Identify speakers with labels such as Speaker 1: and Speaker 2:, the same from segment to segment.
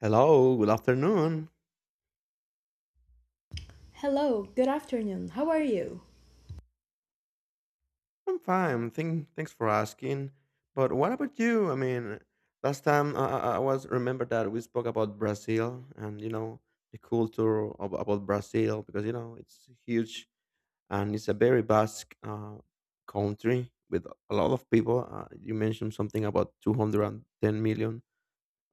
Speaker 1: Hello, good afternoon.
Speaker 2: Hello, good afternoon, how are you?
Speaker 1: I'm fine. Thanks for asking. But what about you? I mean, last time I was remember that we spoke about Brazil, and you know the about Brazil, because you know it's huge and it's a very vast country with a lot of people. You mentioned something about 210 million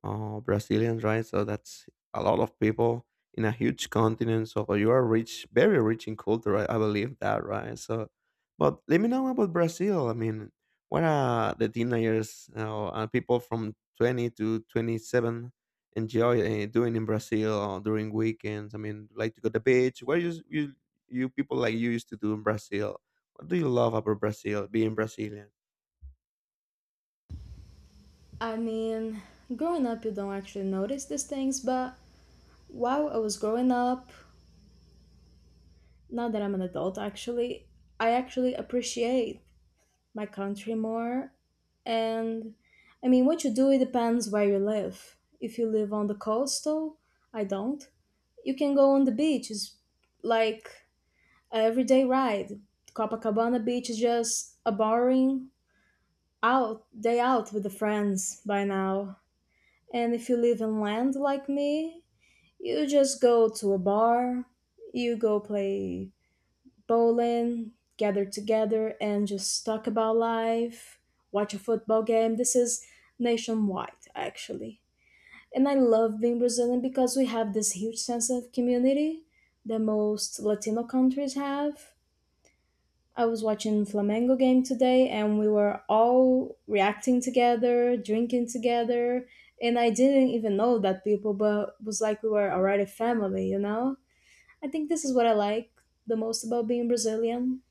Speaker 1: Brazilians, right? So that's a lot of people in a huge continent. So you are rich, very rich in culture. I believe that, right? So, but let me know about Brazil. I mean, what are the teenagers and people from 20 to 27 enjoy doing in Brazil during weekends? I mean, like to go to the beach. What you people like you used to do in Brazil? What do you love about Brazil? Being Brazilian.
Speaker 2: I mean, growing up, you don't actually notice these things, but while I was growing up, now that I'm an adult, actually, I actually appreciate my country more. And I mean, what you do, it depends where you live. If you live on the coastal, I don't. You can go on the beach, it's like a everyday ride. Copacabana Beach is just a boring out day out with the friends by now. And if you live inland like me, you just go to a bar, you go play bowling, gather together and just talk about life, watch a football game. This is nationwide, actually. And I love being Brazilian because we have this huge sense of community that most Latino countries have. I was watching Flamengo game today and we were all reacting together, drinking together, and I didn't even know that people but it was like we were already family, you know? I think this is what I like the most about being Brazilian.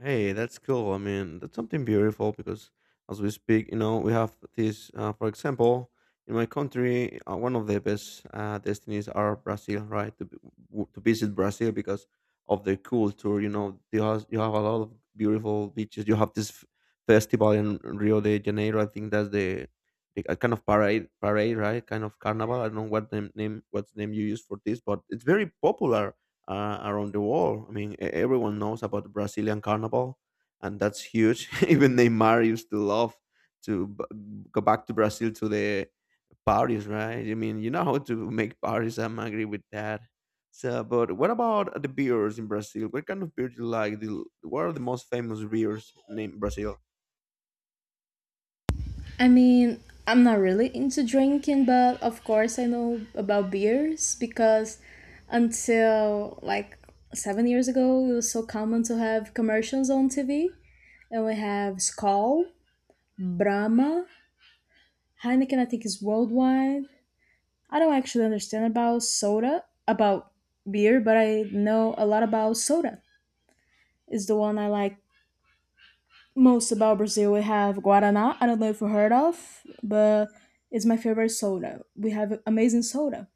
Speaker 1: Hey, that's cool. I mean, that's something beautiful because as we speak, you know, we have this, for example, in my country, one of the best destinies are Brazil, right? To visit Brazil because of their culture, you know, they has, you have a lot of beautiful beaches. You have this festival in Rio de Janeiro. I think that's the a kind of parade, right? Kind of carnival. I don't know what the name, what name you use for this, but it's very popular around the world. I mean, everyone knows about the Brazilian carnival, and that's huge. Even Neymar used to love to b- go back to Brazil to the parties, right? I mean, you know how to make parties. I'm agree with that. So, but what about the beers in Brazil? What kind of beer do you like? What are the most famous beers in Brazil?
Speaker 2: I mean, I'm not really into drinking, but of course I know about beers because until like 7 years ago, it was so common to have commercials on TV and we have Skol, Brahma, Heineken, I think, is worldwide. I don't actually understand about soda, about beer, but I know a lot about soda. It's the one I like most about Brazil. We have Guaraná. I don't know if you heard of, but it's my favorite soda. We have amazing soda.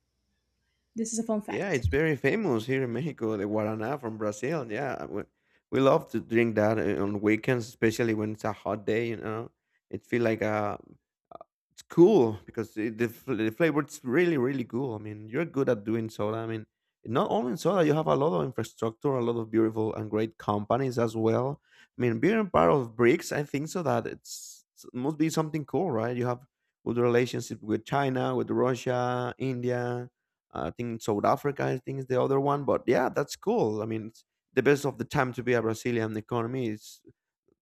Speaker 2: This is a fun
Speaker 1: Yeah,
Speaker 2: fact.
Speaker 1: it's very famous here in Mexico, the Guaraná from Brazil. Yeah, we love to drink that on weekends, especially when it's a hot day, you know. It feels like a it's cool because the the flavor is really really cool. I mean, you're good at doing soda. I mean, not only in soda, you have a lot of infrastructure, a lot of beautiful and great companies as well. I mean, being part of BRICS, I think so that it must be something cool, right? You have good relationship with China, with Russia, India. I think South Africa, I think is the other one. But yeah, that's cool. I mean, it's the best of the time to be a Brazilian economy is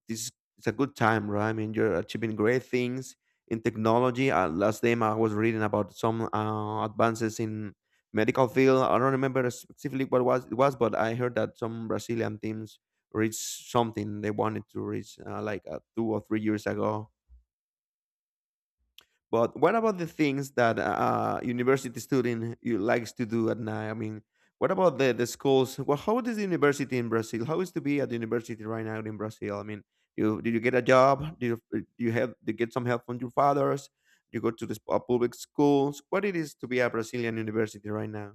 Speaker 1: this is a good time, right? I mean, you're achieving great things in technology. Last time I was reading about some advances in medical field. I don't remember specifically what was it was, but I heard that some Brazilian teams reached something they wanted to reach like 2 or 3 years ago. But what about the things that university student you likes to do at night? I mean, what about the schools? Well, how is the university in Brazil? How is to be at the university right now in Brazil? I mean, you did you get a job? Do you get some help from your fathers? You go to the public schools. What it is to be a Brazilian university right now?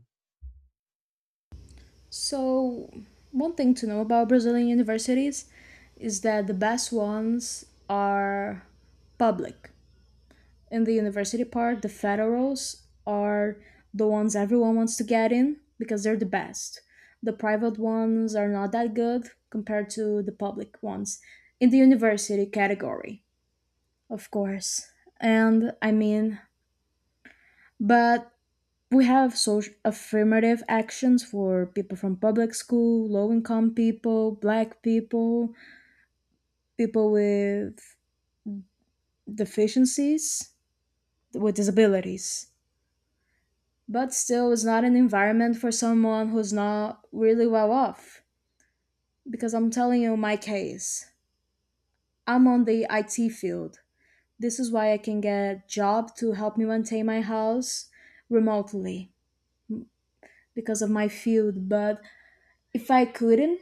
Speaker 2: So, one thing to know about Brazilian universities is that the best ones are public. In the university part, the federals are the ones everyone wants to get in because they're the best. The private ones are not that good compared to the public ones in the university category, of course. And I mean, but we have social affirmative actions for people from public school, low income people, black people, people with deficiencies, with disabilities. But still it's not an environment for someone who's not really well off because I'm telling you my case. I'm on the IT field. This is why I can get a job to help me maintain my house remotely because of my field. But if I couldn't,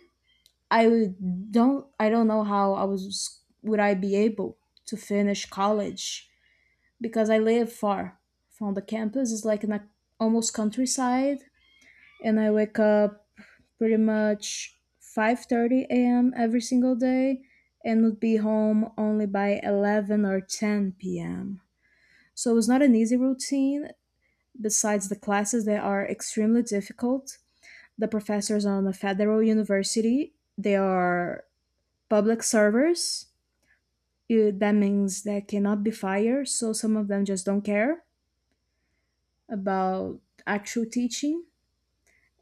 Speaker 2: I don't know how I was would I be able to finish college because I live far from the campus. It's like in a almost countryside. And I wake up pretty much 5:30 a.m. every single day and would be home only by 11 or 10 p.m. So it's not an easy routine besides the classes that are extremely difficult. The professors on a federal university, they are public servers. That means they cannot be fired, so some of them just don't care about actual teaching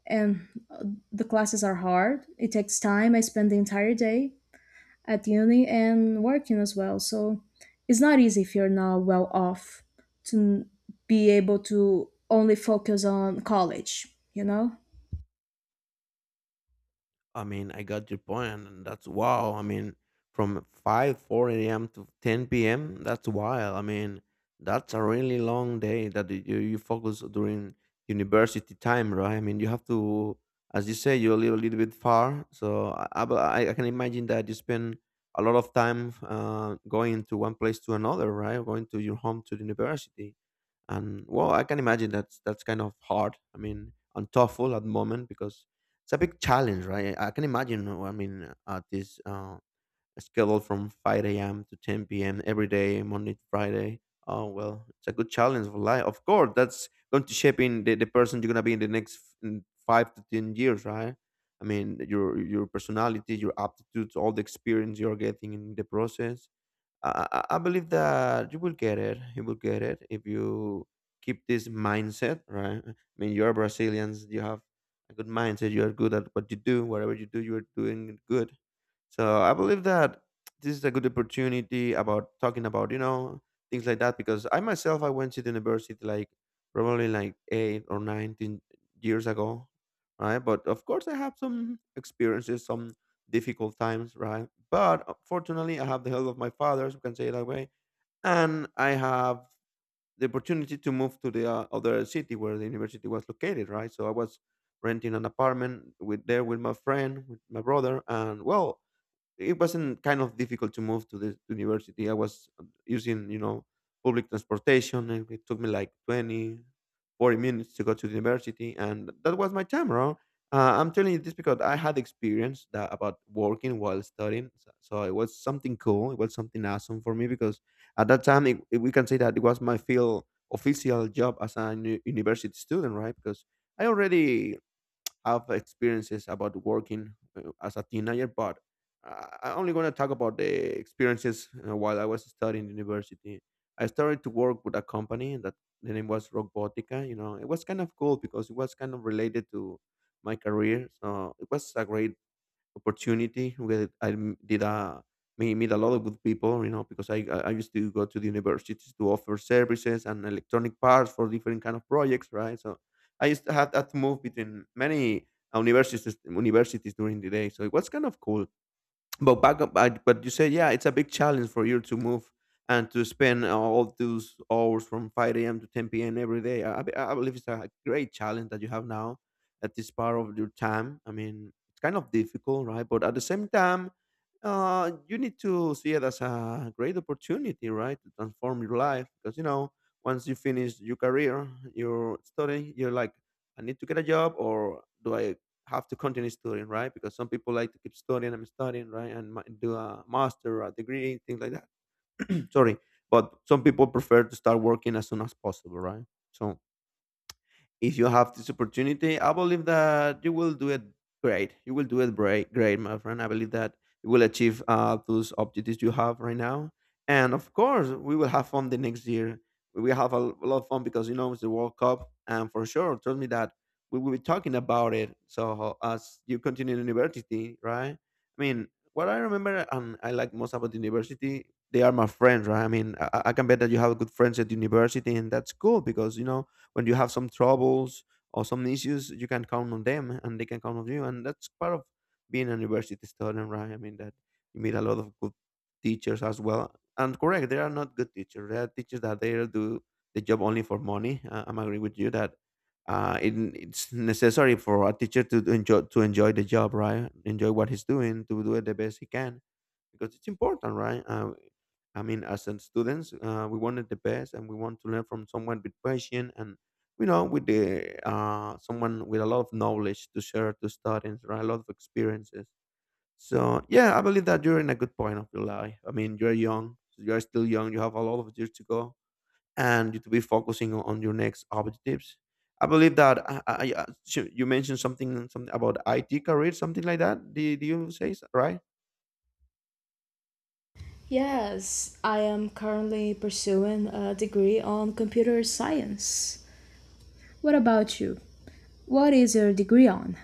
Speaker 2: and the classes are hard. It takes time. I spend the entire day at uni and working as well. So it's not easy if you're not well off to n- be able to only focus on college, you know?
Speaker 1: I mean, I got your point, and that's wow. I mean, from 5, 4 a.m. to 10 p.m., that's wild. I mean, that's a really long day that you focus during university time, right? I mean, you have to, as you say, you live a little bit far. So but I can imagine that you spend a lot of time going to one place to another, right? Going to your home to the university. And well, I can imagine that's kind of hard. I mean, and TOEFL at the moment, because it's a big challenge, right? I can imagine, I mean, at this schedule from 5 a.m to 10 p.m every day, Monday to Friday. Oh well, it's a good challenge for life. Of course that's going to shape in the person you're going to be in the next in 5 to 10 years, right? I mean, your personality, your aptitudes, all the experience you're getting in the process. I believe that you will get it. You will get it if you keep this mindset, right? I mean, you're Brazilians. You have a good mindset. You are good at what you do. Whatever you do, you are doing good. So I believe that this is a good opportunity about talking about, you know, things like that, because I myself I went to the university like probably like 8 or 19 years ago. Right. But of course I have some experiences, some difficult times, right? But fortunately I have the help of my father, so we can say it that way. And I have the opportunity to move to the other city where the university was located, right? So I was renting an apartment with there with my friend, with my brother, and well, it wasn't kind of difficult to move to the university. I was using, you know, public transportation, and it took me like 20, 40 minutes to go to the university. And that was my time around. I'm telling you this because I had experience that about working while studying. So it was something cool. It was something awesome for me because at that time, we can say that it was my field official job as a university student, right? Because I already have experiences about working as a teenager, but I'm only going to talk about the experiences while I was studying university. I started to work with a company that the name was Robotica. You know, it was kind of cool because it was kind of related to my career. So it was a great opportunity where I m- did a me meet a lot of good people, you know, because I used to go to the universities to offer services and electronic parts for different kind of projects, right? So I used to have that move between many uh, universities universities during the day, so it was kind of cool. But back up I- but you said, yeah, it's a big challenge for you to move and to spend all those hours from 5 a.m to 10 p.m every day. I I believe it's a great challenge that you have now at this part of your time. I mean, it's kind of difficult, right? But at the same time, you need to see it as a great opportunity, right, to transform your life, because you know once you finish your career, your study, you're like, I need to get a job, or do I have to continue studying, right? Because some people like to keep studying and studying, right, and do a master or a degree, things like that. Sorry, but some people prefer to start working as soon as possible, right? So if you have this opportunity, I believe that you will do it great. You will do it great, my friend. I believe that you will achieve those objectives you have right now. And of course, we will have fun the next year. We will have a lot of fun, because you know it's the World Cup, and for sure, trust me that we will be talking about it. So as you continue in university, right? I mean, what I remember and I like most about the university, they are my friends, right? I mean, I can bet that you have good friends at university, and that's cool, because you know when you have some troubles or some issues you can count on them, and they can count on you, and that's part of being a university student, right? I mean that you meet a lot of good teachers as well. And correct, there are not good teachers, there are teachers that they do the job only for money. I'm agree with you that it's necessary for a teacher to enjoy the job, right, enjoy what he's doing to do it the best he can, because it's important, right? I mean, as a students, we wanted the best, and we want to learn from someone with passion and you know, with the someone with a lot of knowledge to share to students, right? A lot of experiences. So yeah, I believe that you're in a good point of your life. I mean, you're young, you are still young. You have a lot of years to go, and you to be focusing on your next objectives. I believe that you mentioned something about IT career, something like that. Do you say right?
Speaker 2: Yes, I am currently pursuing a degree on computer science. What about you? What is your degree on?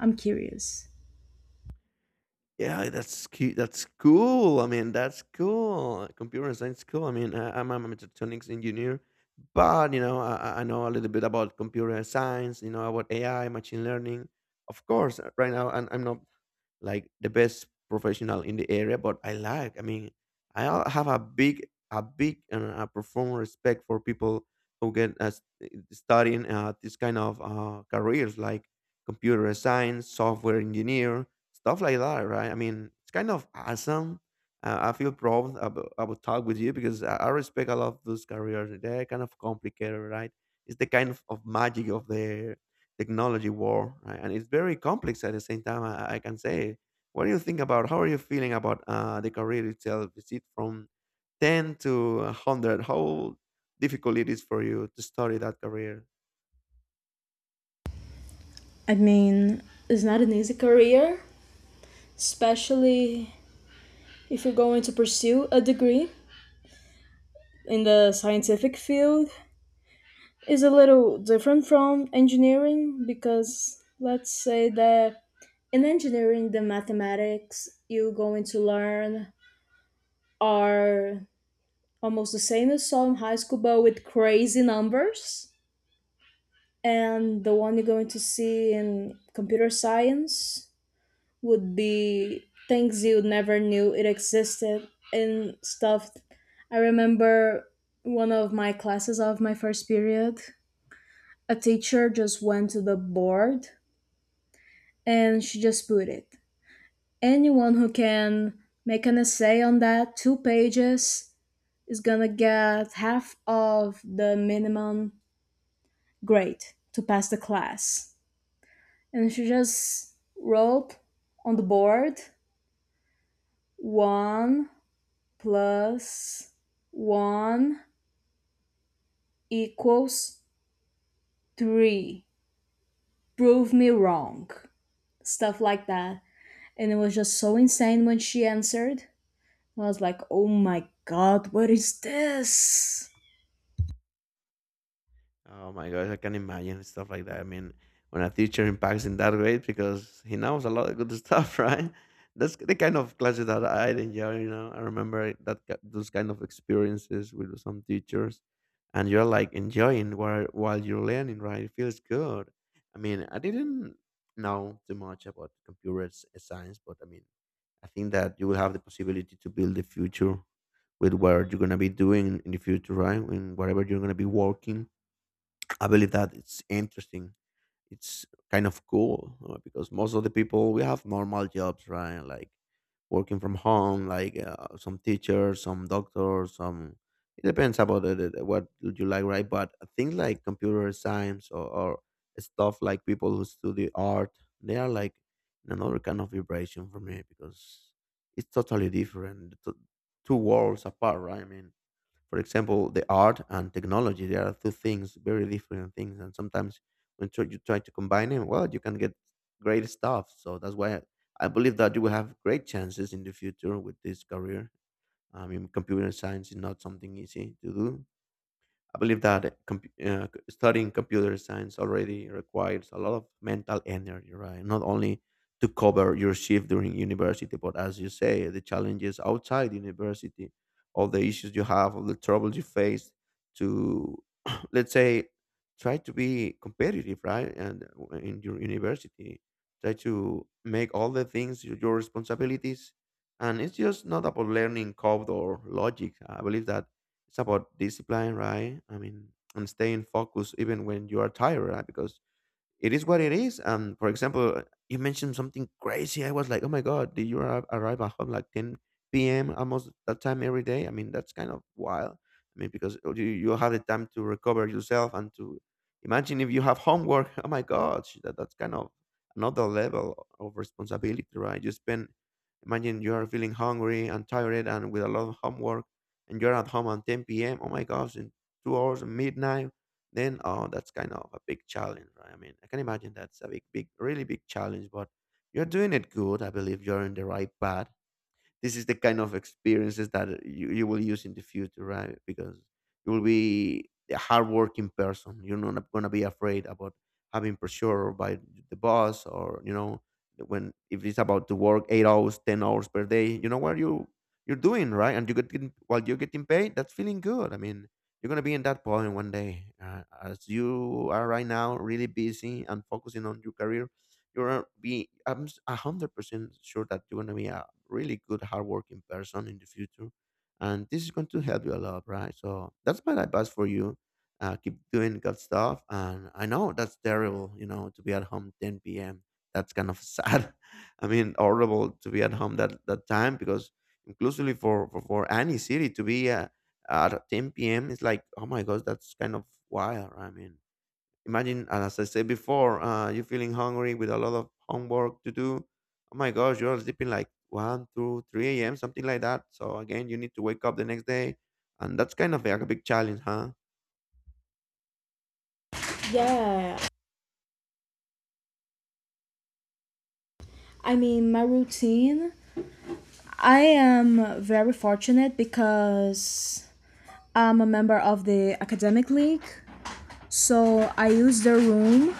Speaker 2: I'm curious.
Speaker 1: Yeah, that's cute. That's cool. I mean, that's cool. Computer science, cool. I mean, I'm a mechatronics engineer, but you know, I know a little bit about computer science. You know, about AI, machine learning. Of course, right now, I'm not like the best professional in the area, but I like, I mean, have a big and a profound respect for people who get as studying this kind of careers like computer science, software engineer, stuff like that, right? I mean, it's kind of awesome. I feel proud about talk with you because I respect a lot of those careers. They're kind of complicated, right? It's the kind of magic of the technology war, right? And it's very complex at the same time. I can say, what do you think about? How are you feeling about the career itself? Is it from ten to a hundred? How difficult it is for you to study that career?
Speaker 2: I mean, it's not an easy career, especially if you're going to pursue a degree in the scientific field is a little different from engineering because let's say that in engineering the mathematics you're going to learn are almost the same as some high school but with crazy numbers and the one you're going to see in computer science would be things you never knew it existed and stuff. I remember one of my classes of my first period, a teacher just went to the board and she just put it. Anyone who can make an essay on that, two pages, is gonna get half of the minimum grade to pass the class. And she just wrote on the board 1 plus 1 equals 3. Prove me wrong. Stuff like that. And it was just so insane when she answered. I was like, oh my god, what is this?
Speaker 1: Oh my gosh, I can imagine stuff like that. I mean, when a teacher impacts in that way, because he knows a lot of good stuff, right? That's the kind of classes that I enjoy. You know, I remember those kind of experiences with some teachers, and you're like enjoying while you're learning, right? It feels good. I mean, I didn't know too much about science, but I mean, I think that you will have the possibility to build the future with what you're gonna be doing in the future, right? And whatever you're gonna be working, I believe that it's interesting. It's kind of cool, because most of the people we have normal jobs, right? Like working from home, like some teachers, some doctors, some. It depends about what you like, right? But things like computer science, or stuff like people who study art, they are like in another kind of vibration for me because it's totally different, two worlds apart, right? I mean, for example, the art and technology, they are two things, very different things. And sometimes when you try to combine them, well, you can get great stuff. So that's why I believe that you will have great chances in the future with this career. I mean, computer science is not something easy to do. I believe that compu studying computer science already requires a lot of mental energy, right? Not only to cover your shift during university, but as you say, the challenges outside university, all the issues you have, all the troubles you face, to let's say try to be competitive, right? And in your university, try to make all the things your responsibilities. And it's just not about learning code or logic. I believe that it's about discipline, right? I mean, and staying focused even when you are tired, right? Because it is what it is. For example, you mentioned something crazy. I was like, oh my god, did you arrive at home like 10 p.m. almost that time every day? I mean, that's kind of wild. I mean, because you have the time to recover yourself and to imagine if you have homework. Oh my god, that's kind of another level of responsibility, right? You spend, imagine you are feeling hungry and tired and with a lot of homework, and you're at home at 10 p.m. Oh my gosh, in 2 hours midnight, then oh, that's kind of a big challenge, right? I mean, I can imagine that's a big really big challenge. But you're doing it good. I believe you're in the right path. This is the kind of experiences that you will use in the future, right? Because you will be a hardworking person. You're not going to be afraid about having pressure by the boss, or you know, when if it's about to work 8 hours, 10 hours per day, you know what you're doing, right? And you get while you're getting paid. That's feeling good. I mean, you're gonna be in that point one day. As you are right now, really busy and focusing on your career, you're gonna be. 100% sure that you're gonna be really good, hardworking person in the future. And this is going to help you a lot, right? So that's my advice for you. Keep doing good stuff. And I know that's terrible, you know, to be at home 10 p.m. That's kind of sad. I mean, horrible to be at home that time because inclusively for, for any city to be at 10 p.m. It's like, oh my gosh, that's kind of wild, right? I mean, imagine, as I said before, you feeling hungry with a lot of homework to do. Oh my gosh, you're sleeping like one, 2, 3 a.m., something like that. So again, you need to wake up the next day. And that's kind of like a big challenge, huh?
Speaker 2: Yeah. I mean, my routine. I am very fortunate because I'm a member of the academic league. So I use their room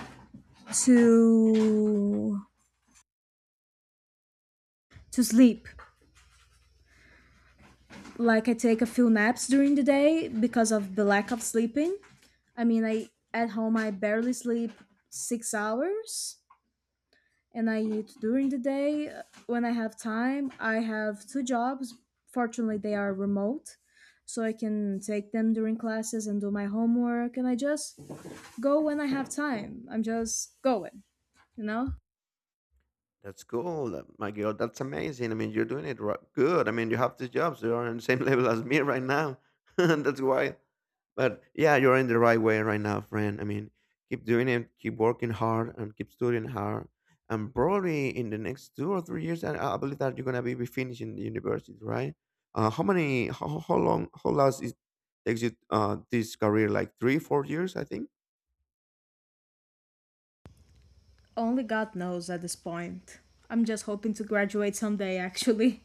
Speaker 2: to to sleep like I take a few naps during the day because of the lack of sleeping. I mean, I at home I barely sleep 6 hours and I eat during the day when I have time. I have two jobs. Fortunately, they are remote, so I can take them during classes and do my homework and I just go when I have time. I'm just going, you know?
Speaker 1: That's cool. My girl, that's amazing. I mean, you're doing it good. I mean, you have this job, so you're on the same level as me right now. That's why. But yeah, you're in the right way right now, friend. I mean, keep doing it, keep working hard, and keep studying hard. And probably in the next 2 or 3 years, I believe that you're gonna be finishing the university, right? How many? How long? How long is takes you this career? Like three, 4 years, I think.
Speaker 2: Only God knows at this point. I'm just hoping to graduate someday actually.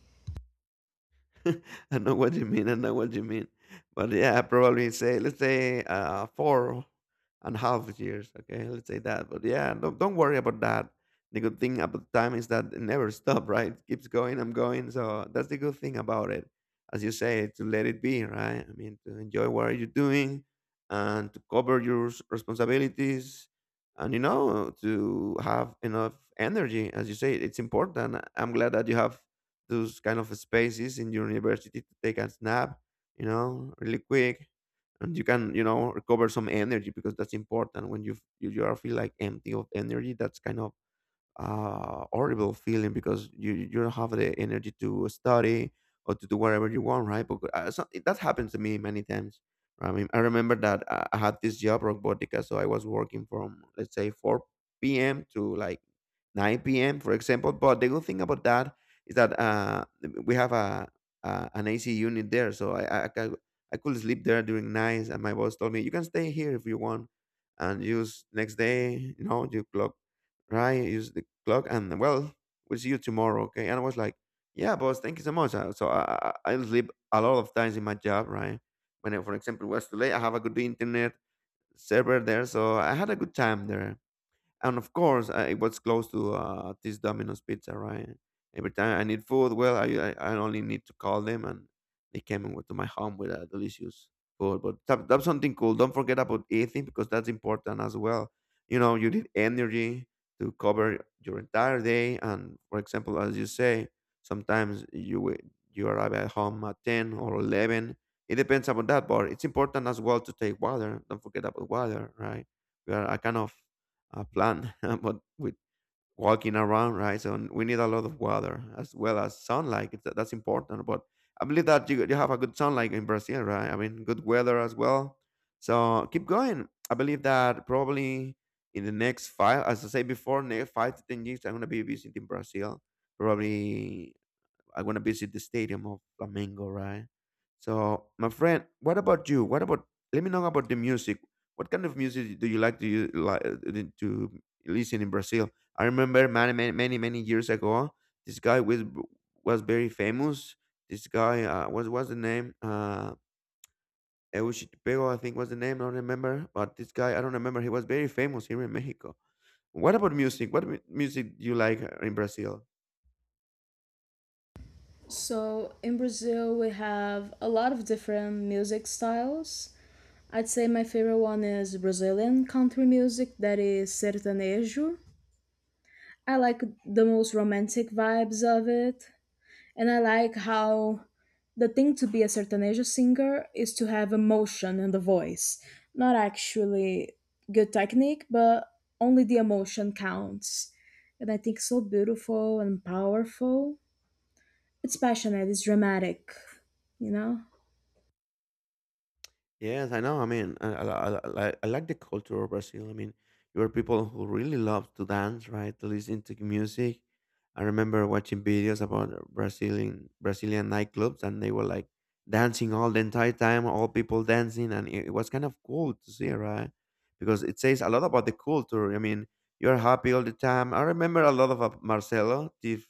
Speaker 1: I know what you mean. I know what you mean. But yeah, probably say let's say four and a half years. Okay, let's say that. But yeah, don't worry about that. The good thing about time is that it never stops, right? It keeps going. I'm going. So that's the good thing about it. As you say, to let it be, right? I mean, to enjoy what you're doing and to cover your responsibilities, and you know, to have enough energy. As you say, it's important. I'm glad that you have those kind of spaces in your university to take a nap, you know, really quick, and you can, you know, recover some energy because that's important when you you are feel like empty of energy. That's kind of horrible feeling because you don't have the energy to study or to do whatever you want, right? But so, that happens to me many times. I mean, I remember that I had this job, Robotica, so I was working from let's say 4 p.m. to like 9 p.m. for example. But the good thing about that is that we have a an AC unit there, so I could sleep there during nights, and my boss told me you can stay here if you want, and use next day. You know, you clock, right? Use the clock, and well, we'll see you tomorrow, okay? And I was like, yeah, boss, thank you so much. So I sleep a lot of times in my job, right? When, I, for example, was too late, I have a good internet server there, so I had a good time there. And of course, I it was close to this Domino's pizza, right? Every time I need food, well I only need to call them, and they came and went to my home with a delicious food. But that's something cool. Don't forget about eating, because that's important as well. You know, you need energy to cover your entire day. And for example, as you say, sometimes you arrive at home at 10 or 11. It depends upon that, but it's important as well to take water. Don't forget about water, right? We are a kind of a plant, but with walking around, right? So we need a lot of water as well as sunlight. That's important. But I believe that you have a good sunlight in Brazil, right? I mean, good weather as well. So keep going. I believe that probably in the next five, as I said before, next 5 to 10 years, I'm gonna be visiting Brazil. Probably I want to visit the stadium of Flamengo, right? So, my friend, what about you? What about? Let me know about the music. What kind of music do you like to like to listen in Brazil? I remember many years ago, this guy was very famous. This guy, what was the name? Euchitepeo, I think was the name. I don't remember, but this guy, I don't remember. He was very famous here in Mexico. What about music? Music do you like in Brazil?
Speaker 2: So in Brazil, we have a lot of different music styles. I'd say my favorite one is Brazilian country music, that is sertanejo. I like the most romantic vibes of it, and I like how the thing to be a sertanejo singer is to have emotion in the voice, not actually good technique, but only the emotion counts. And I think so beautiful and powerful. It's passionate, it's dramatic, you know?
Speaker 1: Yes, I know. I mean, I I like the culture of Brazil. I mean, you are people who really love to dance, right? To listen to music. I remember watching videos about Brazilian nightclubs, and they were like dancing all the entire time, all people dancing, and it was kind of cool to see, right? Because it says a lot about the culture. I mean, you're happy all the time. I remember a lot of Marcelo, the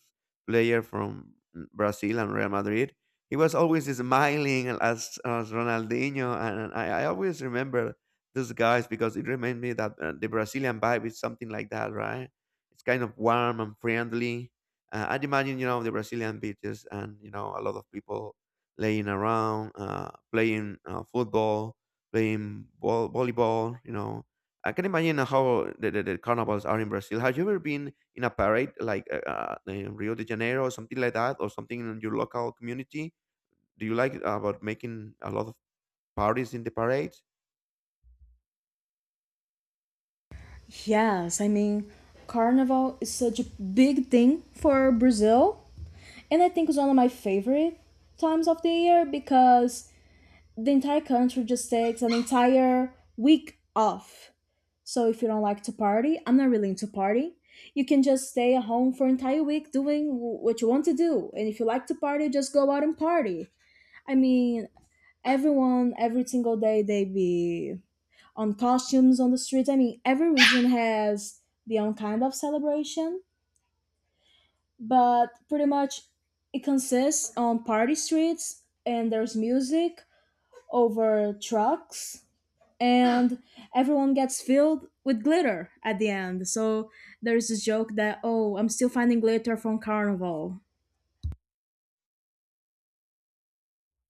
Speaker 1: player from Brazil and Real Madrid. He was always smiling, as Ronaldinho, and I always remember these guys because it reminded me that the Brazilian vibe is something like that, right? It's kind of warm and friendly. I'd imagine you know the Brazilian beaches, and you know, a lot of people laying around, playing football, playing volleyball. You know, I can imagine how the carnivals are in Brazil. Have you ever been in a parade like in Rio de Janeiro or something like that, or something in your local community? Do you like about making a lot of parties in the parade?
Speaker 2: Yes, I mean, Carnival is such a big thing for Brazil, and I think it's one of my favorite times of the year because the entire country just takes an entire week off. So if you don't like to party, I'm not really into partying. You can just stay at home for an entire week doing what you want to do, and if you like to party, just go out and party. I mean, everyone every single day they be on costumes on the streets. I mean, every region has their own kind of celebration, but pretty much it consists on party streets and there's music over trucks and everyone gets filled with glitter at the end. So there's this joke that oh, I'm still finding glitter from carnival.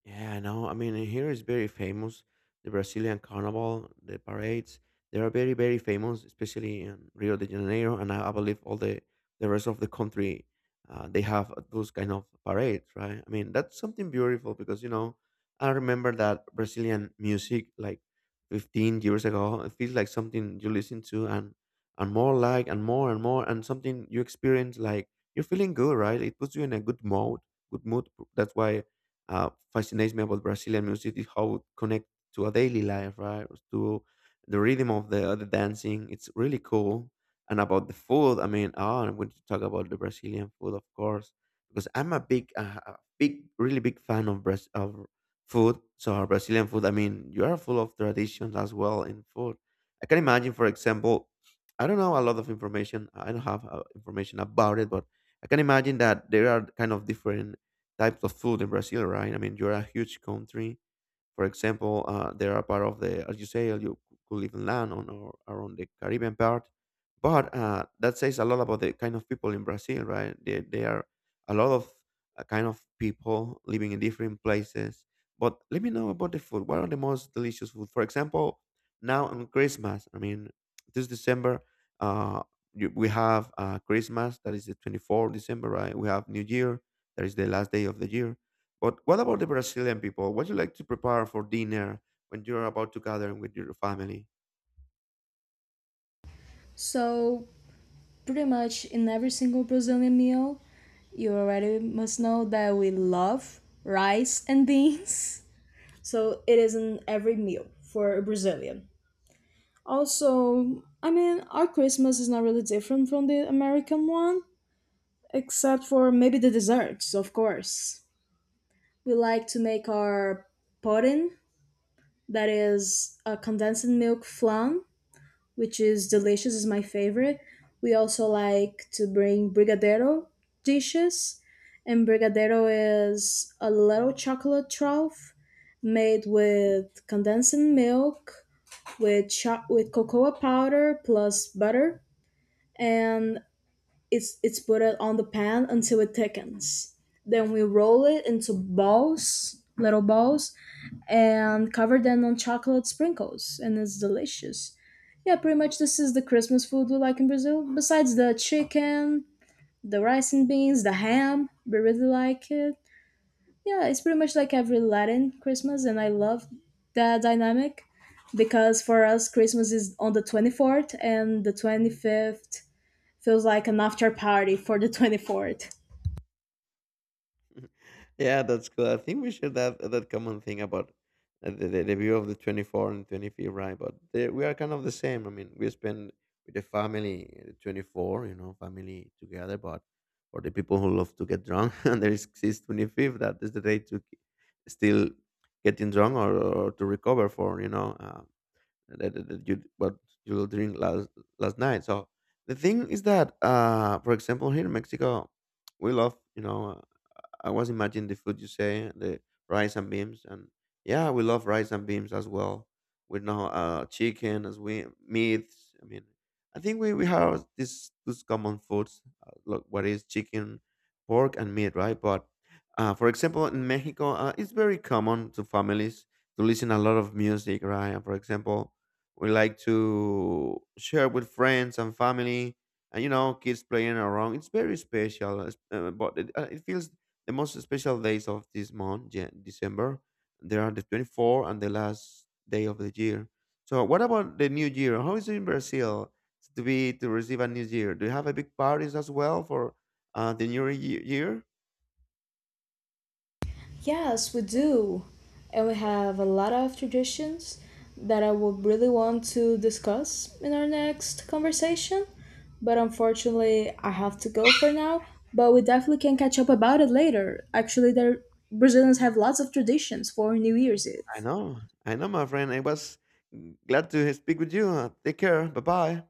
Speaker 1: Yeah. No, I mean, here is very famous the Brazilian carnival, the parades. They are very, very famous, especially in Rio de Janeiro, and I believe all the rest of the country. They have those kind of parades, right? I mean, that's something beautiful because, you know, I remember that Brazilian music like 15 years ago. It feels like something you listen to, and more like and more and more and something you experience, like you're feeling good, right? It puts you in a good good mood. That's why fascinates me about Brazilian music is how it connects to a daily life, right? To the rhythm of the dancing. It's really cool. And about the food, I mean, oh, I'm going to talk about the Brazilian food, of course, because I'm really big fan of food. So our Brazilian food, I mean, you are full of traditions as well in food. I can imagine, for example, I don't know a lot of information. I don't have information about it, but I can imagine that there are kind of different types of food in Brazil, right? I mean, you're a huge country. For example, they are part of the, as you say, you could even land on or around the Caribbean part. But that says a lot about the kind of people in Brazil, right? They are a lot of kind of people living in different places. But let me know about the food. What are the most delicious food? For example, now on Christmas, I mean, this December, uh, we have Christmas, that is the 24th December, right? We have New Year, that is the last day of the year. But what about the Brazilian people? What do you like to prepare for dinner when you're about to gather with your family?
Speaker 2: So pretty much in every single Brazilian meal, you already must know that we love rice and beans. So it is in every meal for a Brazilian. Also, I mean, our Christmas is not really different from the American one, except for maybe the desserts, of course. We like to make our pudding, that is a condensed milk flan, which is delicious, is my favorite. We also like to bring brigadeiro dishes, and brigadeiro is a little chocolate trough made with condensed milk with cocoa powder plus butter, and it's put it on the pan until it thickens. Then we roll it into balls, little balls, and cover them on chocolate sprinkles, and it's delicious. Yeah, pretty much this is the Christmas food we like in Brazil. Besides the chicken, the rice and beans, the ham, we really like it. Yeah, it's pretty much like every Latin Christmas, and I love that dynamic because for us, Christmas is on the 24th, and the 25th feels like an after party for the 24th.
Speaker 1: Yeah, that's cool. I think we share that common thing about the view of the 24th and 25th, right? But they, we are kind of the same. I mean, we spend with the family, 24, you know, family together. But for the people who love to get drunk, and there exists 25, that is the day to still getting drunk, or to recover for, you know. That, that, that you what you drink last night. So the thing is that, for example, here in Mexico, we love, you know, I was imagining the food you say, the rice and beans, and yeah, we love rice and beans as well. We know chicken as we meats. I mean, I think we have this these common foods. Look, what is chicken, pork, and meat, right? But for example, in Mexico, it's very common to families to listen a lot of music, right? And for example, we like to share with friends and family, and you know, kids playing around, it's very special, but it, it feels the most special days of this month, December, there are the 24 and the last day of the year. So, what about the New Year? How is it in Brazil to be to receive a New Year? Do you have a big parties as well for the Year?
Speaker 2: Yes, we do. And we have a lot of traditions that I would really want to discuss in our next conversation, but unfortunately, I have to go for now. But we definitely can catch up about it later. Actually, there, Brazilians have lots of traditions for New Year's Eve.
Speaker 1: I know, my friend. I was glad to speak with you. Take care. Bye bye.